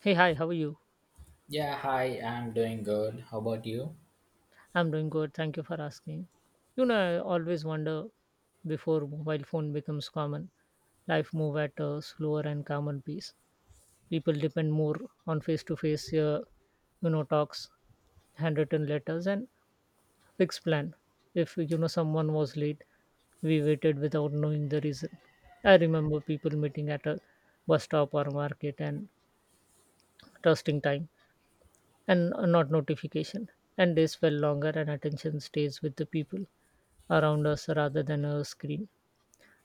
Hey, hi, how are you? Yeah, hi, I'm doing good. How about you? I'm doing good. Thank you for asking. I always wonder before mobile phone becomes common, life move at a slower and calmer pace. People depend more on face to face, talks, handwritten letters, and fixed plan. If someone was late, we waited without knowing the reason. I remember people meeting at a bus stop or market and trusting time and not notification. And days felt longer, and attention stays with the people around us rather than a screen.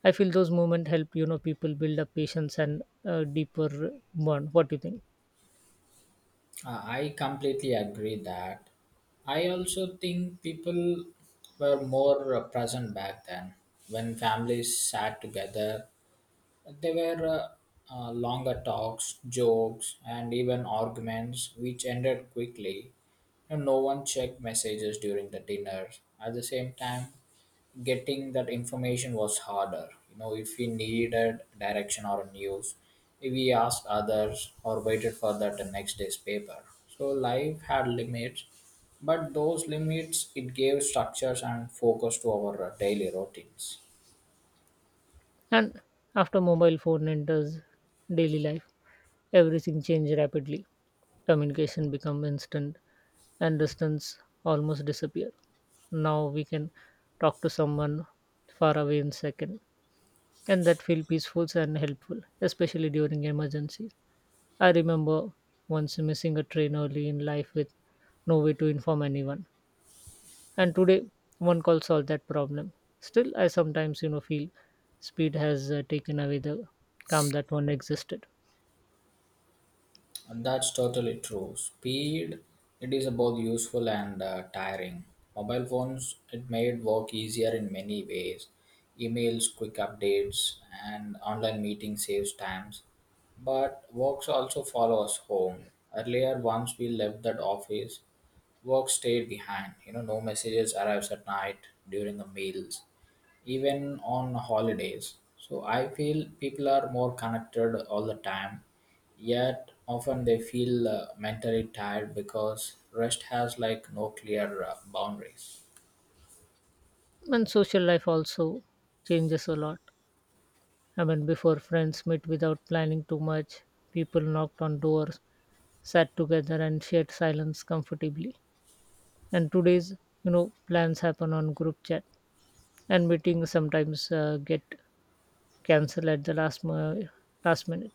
I feel those moments help people build up patience and a deeper bond. What do you think? I completely agree that. I also think people were more present back then when families sat together. There were longer talks, jokes, and even arguments which ended quickly. And no one checked messages during the dinner. At the same time, getting that information was harder. You know, if we needed direction or news, we asked others or waited for that the next day's paper. So life had limits, but those limits it gave structures and focus to our daily routines. And after mobile phone enters daily life, everything changes rapidly. Communication become instant, and distance almost disappear. Now we can talk to someone far away in second and that feel peaceful and helpful, especially during emergencies. I remember once missing a train early in life with no way to inform anyone, and today one call solved that problem. Still, I sometimes feel speed has taken away the calm that one existed, And that's totally true. Speed, it is both useful and tiring. Mobile phones, it made work easier in many ways. Emails, quick updates, and online meeting saves times. But works also follow us home. Earlier, once we left that office, work stayed behind. No messages arrives at night during the meals even on holidays. So I feel people are more connected all the time, yet often they feel mentally tired because rest has like no clear boundaries. and social life also changes a lot. I mean, before friends met without planning too much, people knocked on doors, sat together, and shared silence comfortably. And today's plans happen on group chat and meetings sometimes get cancelled at the last minute.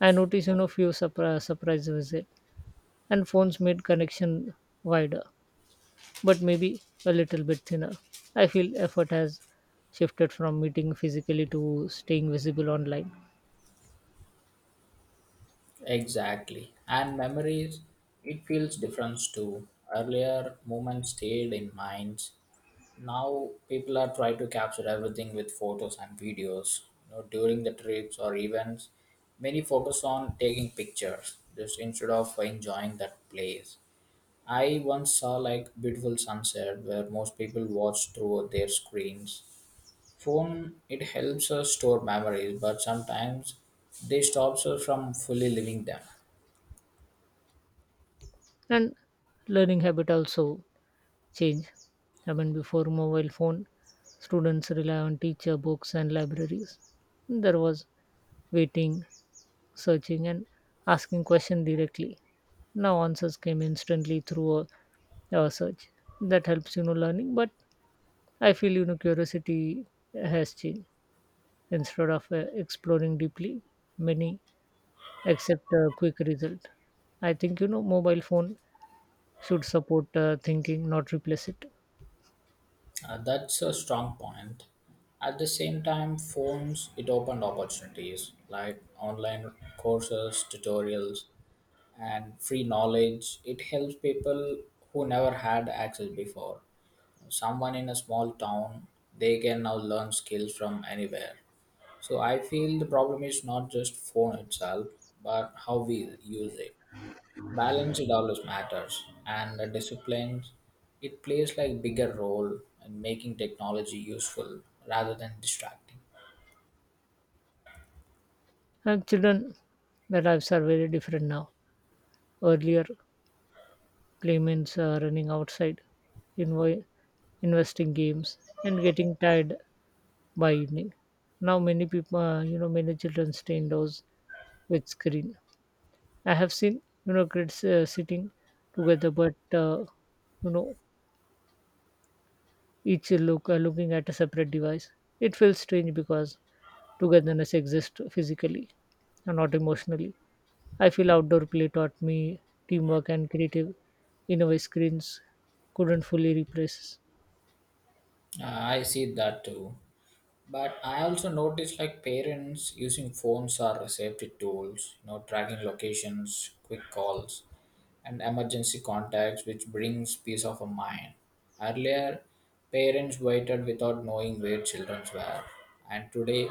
I notice few surprise visit, and phones made connection wider but maybe a little bit thinner. I feel effort has shifted from meeting physically to staying visible online. Exactly. And memories, it feels different too. Earlier moments stayed in minds, now people are trying to capture everything with photos and videos during the trips or events many focus on taking pictures just instead of enjoying that place. I once saw like beautiful sunset where most people watch through their screens. Phone it helps us store memories, but sometimes they stops us from fully living them. And learning habit also change. I mean, before mobile phone students rely on teacher books and libraries. There was waiting, searching, and asking question directly. Now answers came instantly through a search. That helps learning, but I feel curiosity has changed. Instead of exploring deeply, many accept a quick result. I think mobile phone should support thinking, not replace it. That's a strong point. At the same time, phones it opened opportunities like online courses, tutorials, and free knowledge. It helps people who never had access before. Someone in a small town, they can now learn skills from anywhere. So I feel the problem is not just phone itself, but how we use it. Balance it always matters, and the discipline it plays like bigger role in making technology useful rather than distracting. And children, their lives are very different now. Earlier play means running outside, invo- investing games, and getting tired by evening. Now many people, many children stay indoors with screen. I have seen, kids sitting together, but you know, each looking at a separate device. It feels strange because togetherness exists physically and not emotionally. I feel outdoor play taught me teamwork and creative innovative screens couldn't fully replace. I see that too. But I also noticed like parents using phones or safety tools, you know, tracking locations, quick calls, and emergency contacts, which brings peace of a mind. Earlier, parents waited without knowing where children were, and today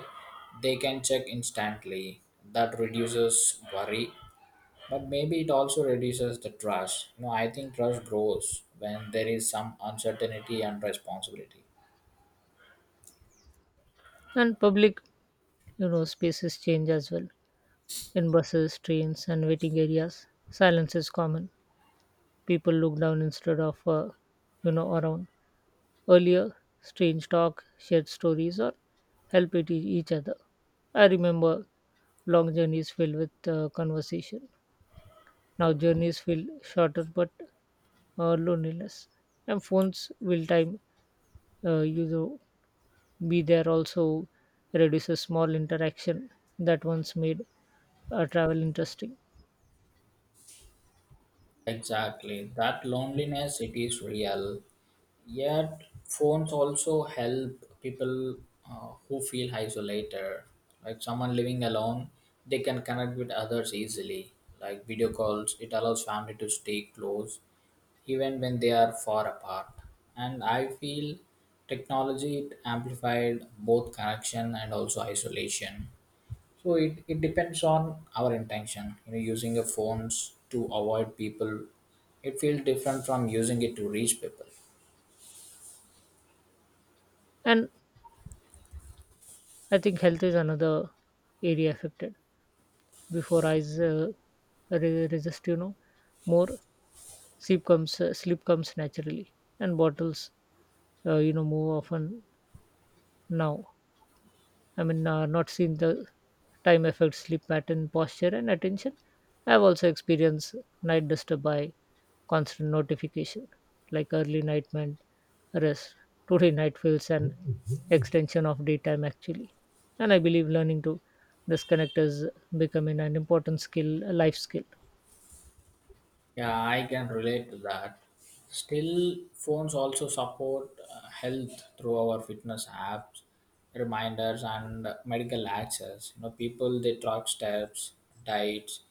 they can check instantly. That reduces worry, but maybe it also reduces the trust. You know, I think trust grows when there is some uncertainty and responsibility. And public, spaces change as well. In buses, trains, and waiting areas, silence is common. People look down instead of, around. Earlier, strange talk, shared stories, or help each other. I remember long journeys filled with conversation. Now journeys feel shorter but loneliness. And phones will time uh, you know, be there also reduces small interaction that once made a travel interesting. Exactly. That loneliness, it is real. Yet, phones also help people who feel isolated. Like someone living alone, they can connect with others easily. Like video calls, it allows family to stay close even when they are far apart. And I feel technology it amplified both connection and also isolation. So it depends on our intention. You know, using your phones to avoid people, it feels different from using it to reach people. And I think health is another area affected. Before eyes resist, more sleep comes naturally, and bottles, more often now. I mean, not seen the time affects sleep pattern, posture, and attention. I have also experienced night disturbed by constant notification, like early night meant rest. Today night feels an extension of daytime actually. And I believe learning to disconnect is becoming an important skill, a life skill. Yeah, I can relate to that. Still, phones also support health through our fitness apps, reminders, and medical access. You know, people they track steps, diets,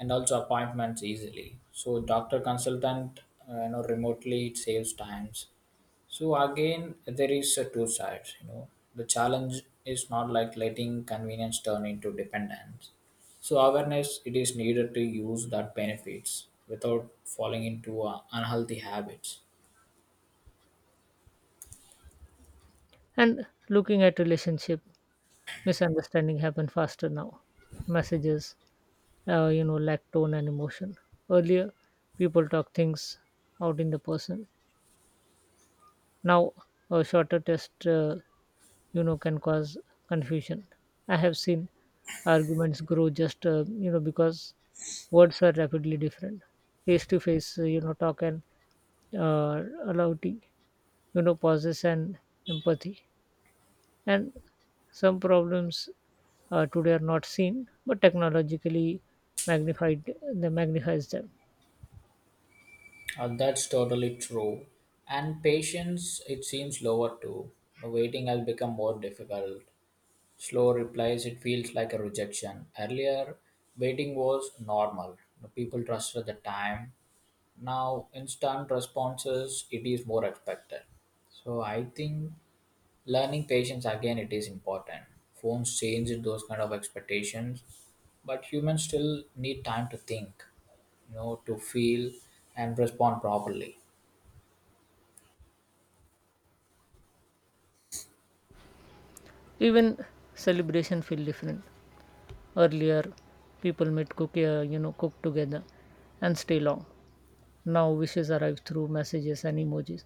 and also appointments easily. So, doctor consultant, you know, remotely it saves times. So again, there is a two sides. You know, the challenge is not like letting convenience turn into dependence, so awareness it is needed to use that benefits without falling into unhealthy habits. And looking at relationship, misunderstanding happen faster now. Messages, lack tone and emotion. Earlier people talk things out in the person. Now a shorter test can cause confusion. I have seen arguments grow just because words are rapidly different. Face to face, talk and allowity, pauses and empathy. And some problems today are not seen, but technologically magnified, they magnifies them. That's totally true. And patience it seems lower too. The waiting has become more difficult. Slow replies it feels like a rejection. Earlier waiting was normal. The people trusted the time. Now instant responses it is more expected. So I think learning patience again it is important. Phones changed those kind of expectations, but humans still need time to think, you know, to feel and respond properly. Even celebration feel different. Earlier people made cook you know cook together and stay long. Now wishes arrive through messages and emojis.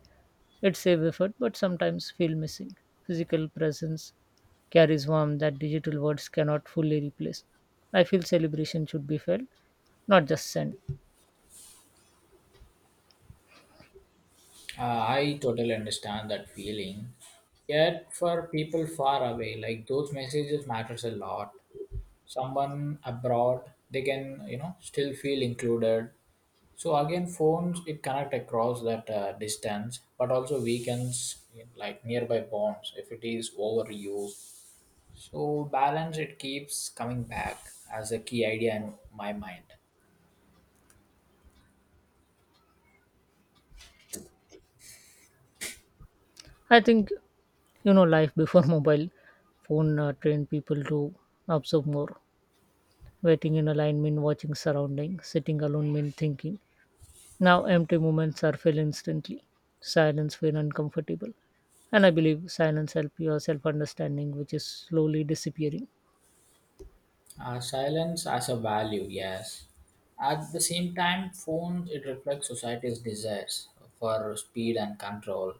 It's save effort but sometimes feel missing physical presence carries warmth that digital words cannot fully replace. I feel celebration should be felt, not just sent. I totally understand that feeling. Yet for people far away, like those messages matters a lot. Someone abroad they can you know still feel included. So again phones it connect across that distance, but also weakens like nearby bonds if it is overused. So balance it keeps coming back as a key idea in my mind. I think life before mobile phone trained people to observe more. Waiting in a line mean watching surrounding, sitting alone mean thinking. Now, empty moments are filled instantly. Silence feel uncomfortable. And I believe silence help your self understanding, which is slowly disappearing. Silence as a value, yes. At the same time, phones it reflects society's desires for speed and control.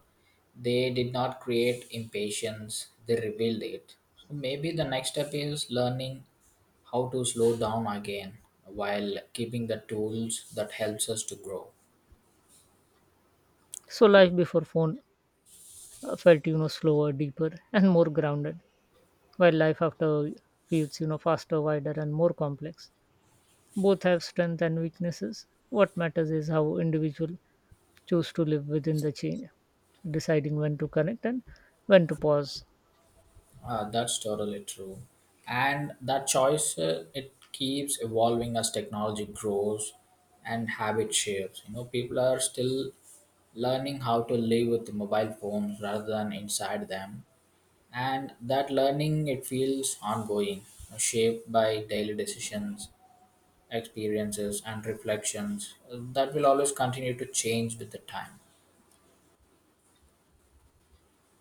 They did not create impatience; they revealed it. So maybe the next step is learning how to slow down again while keeping the tools that helps us to grow. So, life before phone felt, slower, deeper, and more grounded, while life after feels, faster, wider, and more complex. Both have strength and weaknesses. What matters is how individual choose to live within the change, deciding when to connect and when to pause. That's totally true. And that choice, it keeps evolving as technology grows and habit shapes. You know, people are still learning how to live with mobile phones rather than inside them. And that learning, it feels ongoing, shaped by daily decisions, experiences, and reflections that will always continue to change with the time.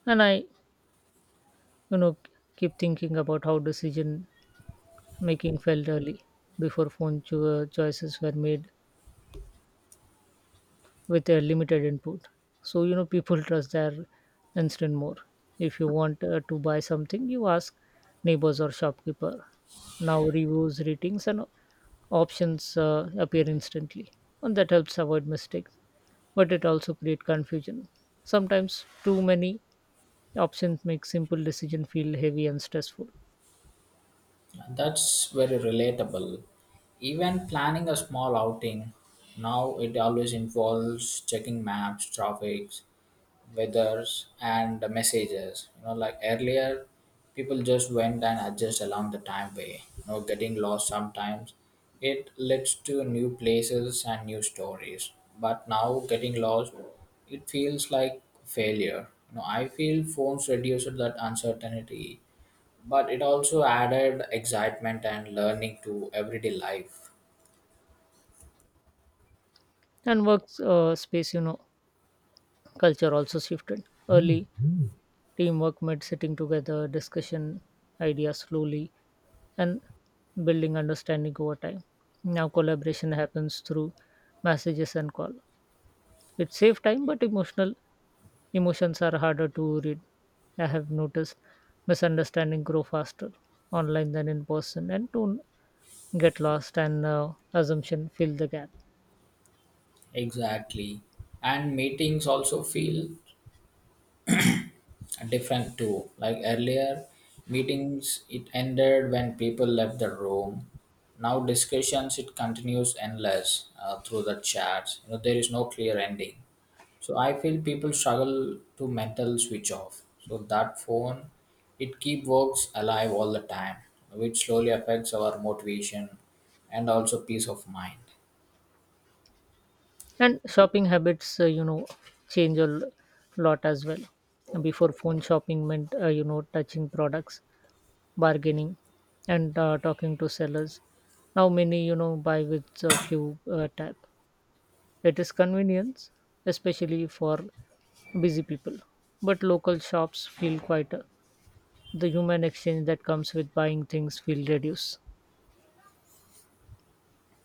And I you know keep thinking about how decision making felt early. Before phone choices were made with a limited input. So, people trust their instinct more. If you want to buy something, you ask neighbors or shopkeeper. Now, reviews, ratings, and options appear instantly, and that helps avoid mistakes. But it also creates confusion. Sometimes too many options make simple decision feel heavy and stressful. That's very relatable. Even planning a small outing, now it always involves checking maps, traffic, weathers, and the messages. You know, like earlier, people just went and adjust along the timeway. You know, getting lost sometimes. It leads to new places and new stories. But now, getting lost, it feels like failure. You know, I feel phones reduced that uncertainty, but it also added excitement and learning to everyday life. And work space, culture also shifted. Early, teamwork meant sitting together, discussion ideas slowly, and building understanding over time. Now, collaboration happens through messages and call. It saves time, but emotional emotions are harder to read. I have noticed misunderstanding grow faster online than in person, and don't get lost and assumption fill the gap. Exactly, and meetings also feel different too. Like earlier meetings it ended when people left the room. Now discussions it continues endless through the chats. You know there is no clear ending. So I feel people struggle to mental switch off. So that phone, it keep works alive all the time, which slowly affects our motivation and also peace of mind. And shopping habits change a lot as well. Before phone shopping meant touching products, bargaining, and talking to sellers. Now many buy with a few tap. It is convenience especially for busy people, but local shops feel quieter. The human exchange that comes with buying things feel reduced.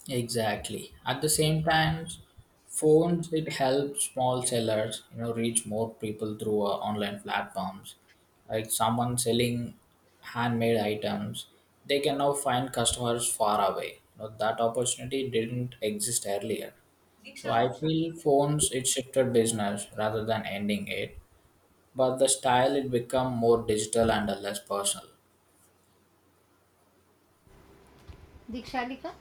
Exactly. At the same time, phones it helps small sellers, you know, reach more people through online platforms. Like someone selling handmade items, they can now find customers far away. You know, that opportunity didn't exist earlier. So I feel phones it shifted business rather than ending it, but the style it become more digital and less personal. Dikshalika?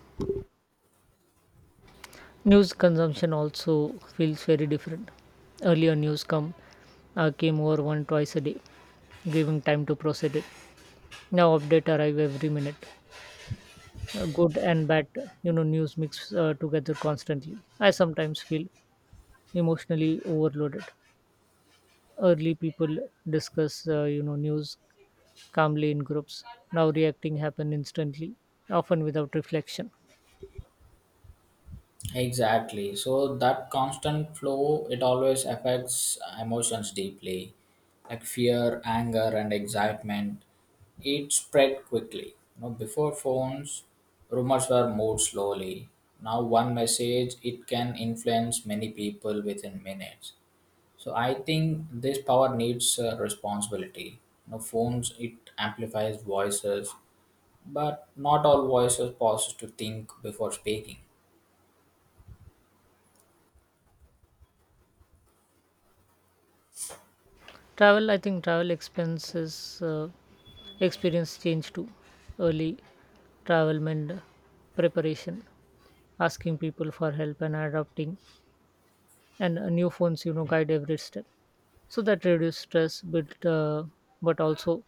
News consumption also feels very different. Earlier, news come came over one twice a day, giving time to process it. Now, update arrive every minute. Good and bad, news mix together constantly. I sometimes feel emotionally overloaded. Early people discuss, news calmly in groups. Now, reacting happen instantly, often without reflection. Exactly. So that constant flow it always affects emotions deeply, like fear, anger, and excitement. It spread quickly. You know, before phones, rumors were moved slowly. Now one message it can influence many people within minutes. So I think this power needs responsibility. You know, phones it amplifies voices, but not all voices pauses to think before speaking. Travel, I think, travel expenses. Experience change too. Early travel and preparation, asking people for help and adopting, and new phones, guide every step. So that reduce stress, but also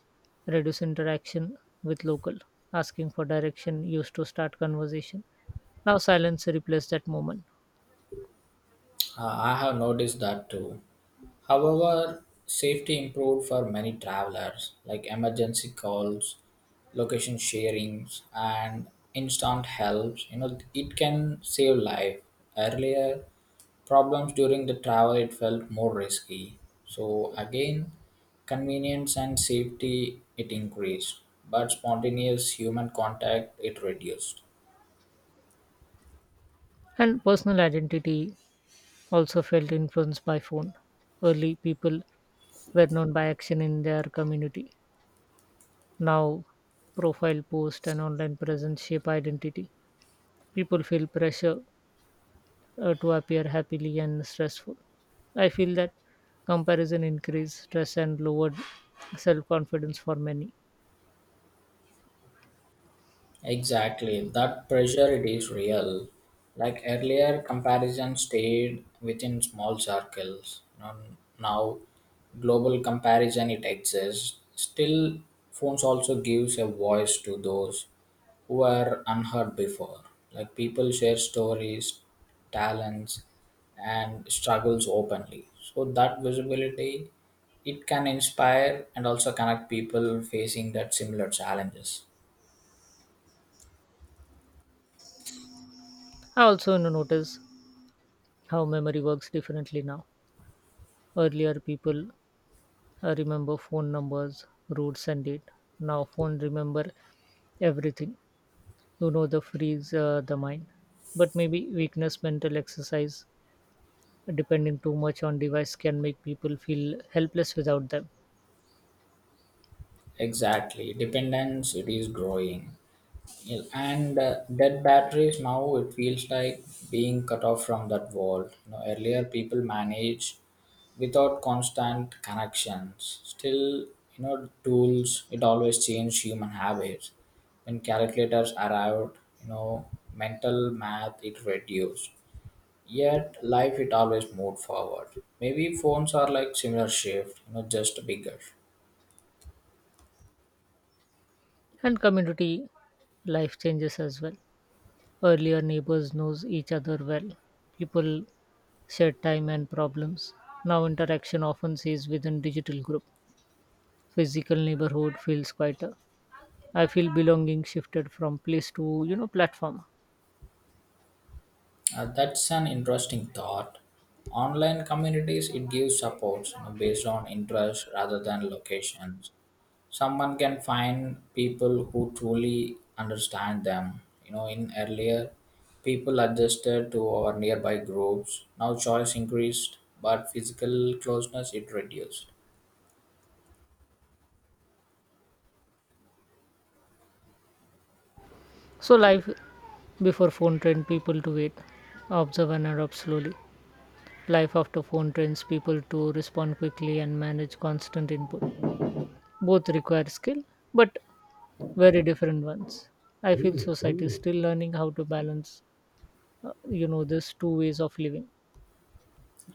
reduce interaction with local. Asking for direction used to start conversation. Now silence replaced that moment. I have noticed that too. However, safety improved for many travelers, like emergency calls, location sharings, and instant helps. You know, it can save life. Earlier, problems during the travel it felt more risky. So again, convenience and safety it increased, but spontaneous human contact it reduced. And personal identity also felt influenced by phone. Early people were known by action in their community. Now profile post and online presence shape identity. People feel pressure to appear happily and stressful. I feel that comparison increased stress and lowered self confidence for many. Exactly, that pressure it is real. Like earlier, comparison stayed within small circles. Now global comparison it exists. Still, phones also gives a voice to those who were unheard before. Like people share stories, talents, and struggles openly. So that visibility it can inspire and also connect people facing that similar challenges. I also notice how memory works differently now. Earlier, people remember phone numbers, routes, and date. Now, phone remember everything. You know the freeze the mind, but maybe weakness, mental exercise, depending too much on device can make people feel helpless without them. Exactly, dependence it is growing. Yeah, and dead batteries now it feels like being cut off from that world. You know, earlier people managed without constant connections. Still, you know, tools it always changed human habits. When calculators arrived, you know, mental math it reduced. Yet life it always moved forward. Maybe phones are like similar shift, you know, just bigger. And community life changes as well. Earlier, neighbors knows each other well. People shared time and problems. Now, interaction often stays within digital group. Physical neighborhood feels quieter. I feel belonging shifted from place to platform. That's an interesting thought. Online communities it gives supports you know, based on interest rather than locations. Someone can find people who truly understand them. You know, in earlier, people adjusted to our nearby groups. Now choice increased, but physical closeness it reduced. So life before phone trained people to wait, observe and adopt slowly. Life after phone trains people to respond quickly and manage constant input. Both require skill, but very different ones. I feel society is still learning how to balance, these two ways of living.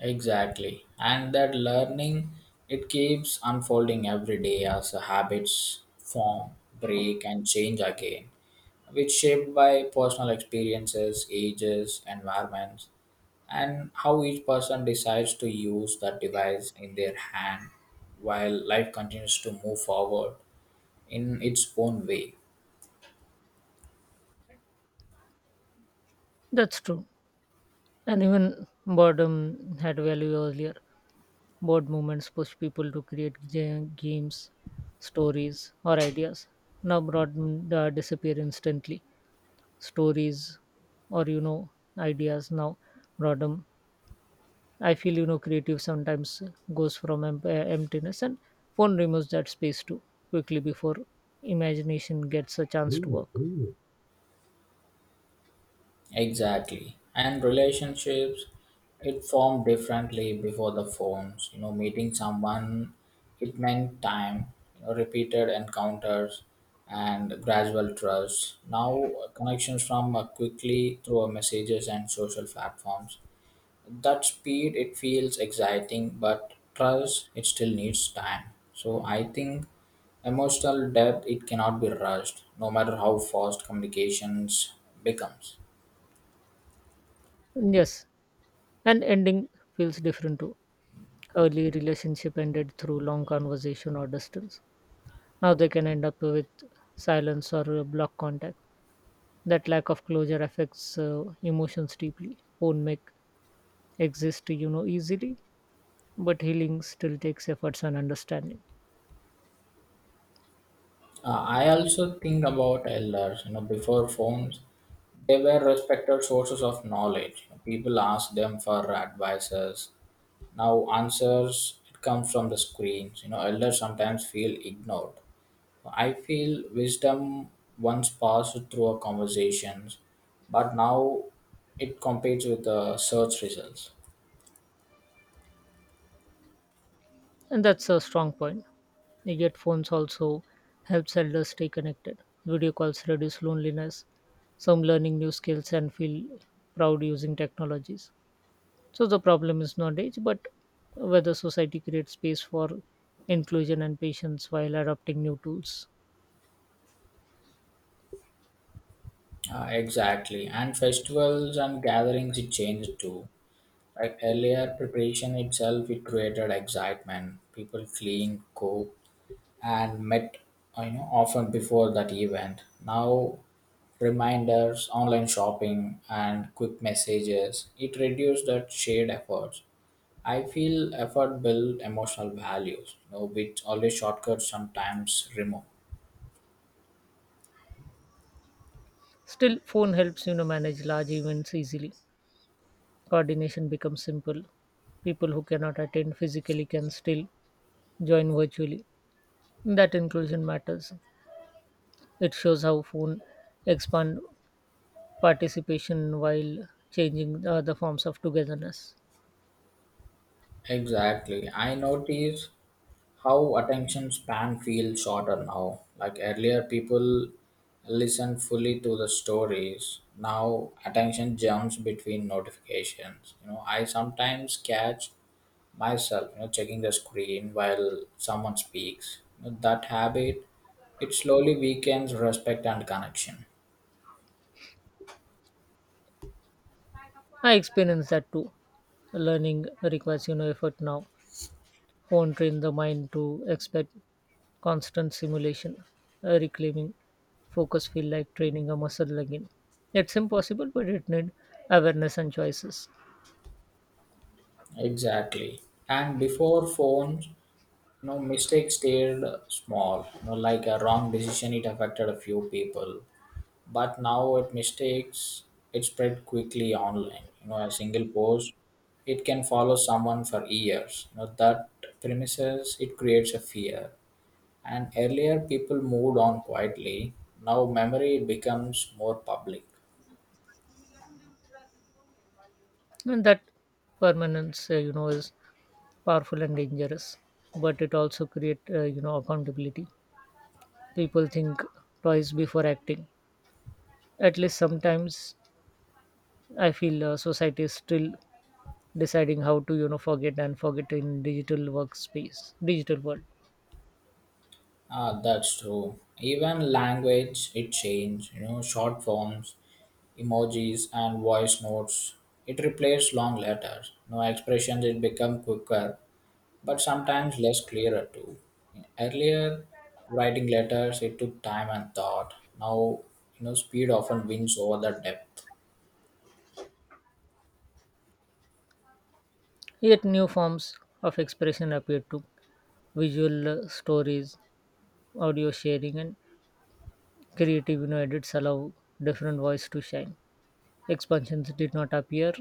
Exactly. And that learning, it keeps unfolding every day as the habits form, break, and change again, which shaped by personal experiences, ages, environments, and how each person decides to use that device in their hand while life continues to move forward in its own way. That's true. And even boredom had value earlier. Bored moments push people to create games, stories, or ideas. Now, broad disappear instantly. Stories, or ideas now, boredom I feel creative sometimes goes from emptiness, and phone removes that space too quickly before imagination gets a chance to work. Exactly. And relationships, it formed differently before the phones. You know, meeting someone, it meant time, you know, repeated encounters and gradual trust. Now, connections from quickly through our messages and social platforms. That speed, it feels exciting, but trust, it still needs time. So, I think emotional depth, it cannot be rushed, no matter how fast communications becomes. Yes, and ending feels different too. Early relationship ended through long conversation or distance. Now they can end up with silence or block contact. That lack of closure affects emotions deeply. Phone make exist easily, but healing still takes efforts and understanding. I also think about elders, you know, before phones, they were respected sources of knowledge. People asked them for advices. Now answers it comes from the screens. You know, elders sometimes feel ignored. I feel wisdom once passed through a conversations, but now it competes with the search results. And that's a strong point. Yet phones also help elders stay connected. Video calls reduce loneliness. Some learning new skills and feel proud using technologies. So the problem is not age, but whether society creates space for inclusion and patience while adopting new tools. Exactly, and festivals and gatherings it changed too. Right, earlier preparation itself it created excitement. People cleaned, cooked, and met you know often before that event. Now reminders, online shopping, and quick messages it reduced that shared efforts. I feel effort build emotional values, you know, which always shortcuts sometimes remove. Still, phone helps manage large events easily. Coordination becomes simple. People who cannot attend physically can still join virtually. That inclusion matters. It shows how phone expand participation while changing the forms of togetherness. Exactly. I notice how attention span feels shorter now. Like earlier, people listen fully to the stories. Now, attention jumps between notifications. You know, I sometimes catch myself, you know, checking the screen while someone speaks. You know, that habit, it slowly weakens respect and connection. I experienced that too. Learning requires effort now. Phone train the mind to expect constant simulation. Reclaiming focus feel like training a muscle again. It's impossible, but it need awareness and choices. Exactly. And before phones, you know, mistakes stayed small. You know, like a wrong decision, it affected a few people. But now it mistakes, it spread quickly online. You know, a single post, it can follow someone for years. You know, that premises, it creates a fear. And earlier people moved on quietly. Now memory becomes more public. And that permanence, is powerful and dangerous. But it also create accountability. People think twice before acting, at least sometimes. I feel society is still deciding how to forget and forget in digital workspace digital world. Ah, that's true. Even language, it changed. You know, short forms, emojis, and voice notes. It replaced long letters. No expressions, it become quicker, but sometimes less clearer too. Earlier, writing letters, it took time and thought. Now, you know, speed often wins over the depth. Yet new forms of expression appear too: visual stories, audio sharing, and creative edits allow different voice to shine. Expansions did not appear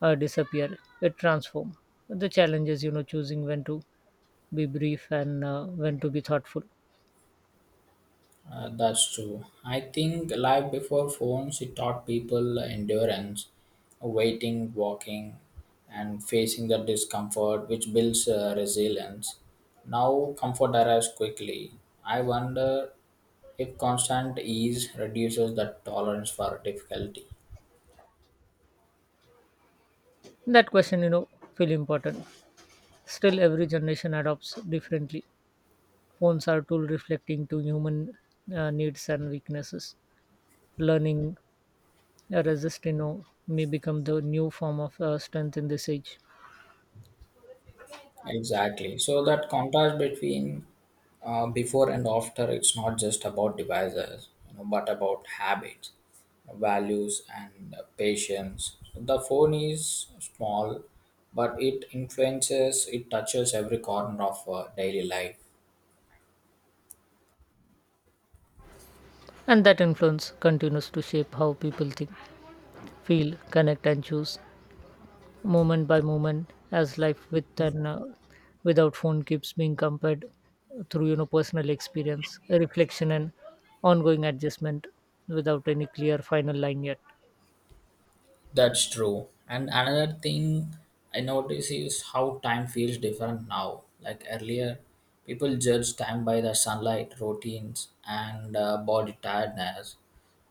or disappear, it transformed. The challenge is choosing when to be brief and when to be thoughtful. That's true. I think life before phones, it taught people endurance, waiting, walking, and facing the discomfort, which builds resilience. Now, comfort arrives quickly. I wonder if constant ease reduces the tolerance for difficulty. That question, feel important. Still, every generation adopts differently. Phones are tool reflecting to human needs and weaknesses. Learning resist, may become the new form of strength in this age. Exactly. So that contrast between before and after, it's not just about devices, you know, but about habits, values, and patience. The phone is small, but it influences, it touches every corner of daily life. And that influence continues to shape how people think, feel, connect, and choose, moment by moment as life with and without phone keeps being compared through personal experience, reflection, and ongoing adjustment without any clear final line yet. That's true. And another thing I notice is how time feels different now. Like earlier, people judged time by the sunlight, routines, and body tiredness.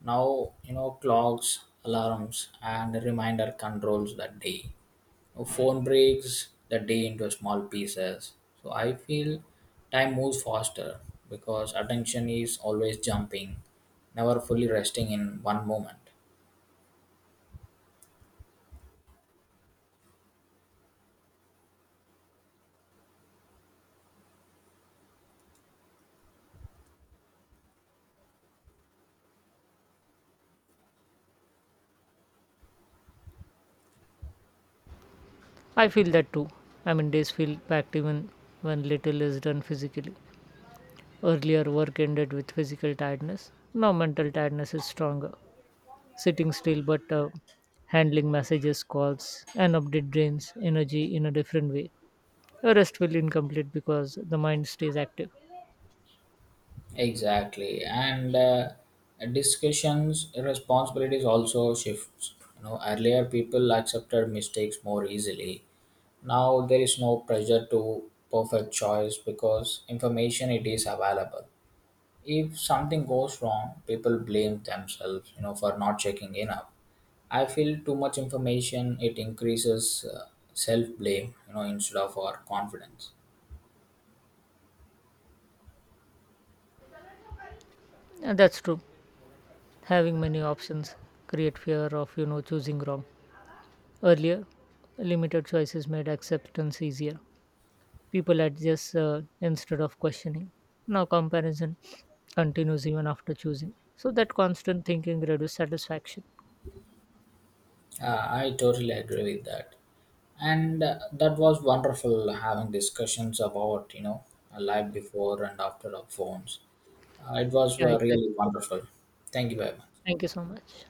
Now, you know, clocks, alarms, and reminder controls the day. Now, phone breaks the day into small pieces. So I feel time moves faster because attention is always jumping, never fully resting in one moment. I feel that too. I mean days feel packed even when little is done physically. Earlier work ended with physical tiredness, now mental tiredness is stronger. Sitting still but handling messages, calls and update drains energy in a different way. A rest will incomplete because the mind stays active. Exactly, and discussions responsibilities also shifts. You know, earlier people accepted mistakes more easily. Now there is no pressure to perfect choice because information it is available. If something goes wrong, people blame themselves. You know, for not checking enough. I feel too much information it increases self blame. You know, instead of our confidence. And that's true. Having many options create fear of choosing wrong. Earlier, limited choices made acceptance easier. People adjust instead of questioning. Now comparison continues even after choosing. So that constant thinking reduces satisfaction. I totally agree with that. And that was wonderful having discussions about, you know, a life before and after of phones. It was Yeah, exactly. really wonderful. Thank you very much. Thank you so much.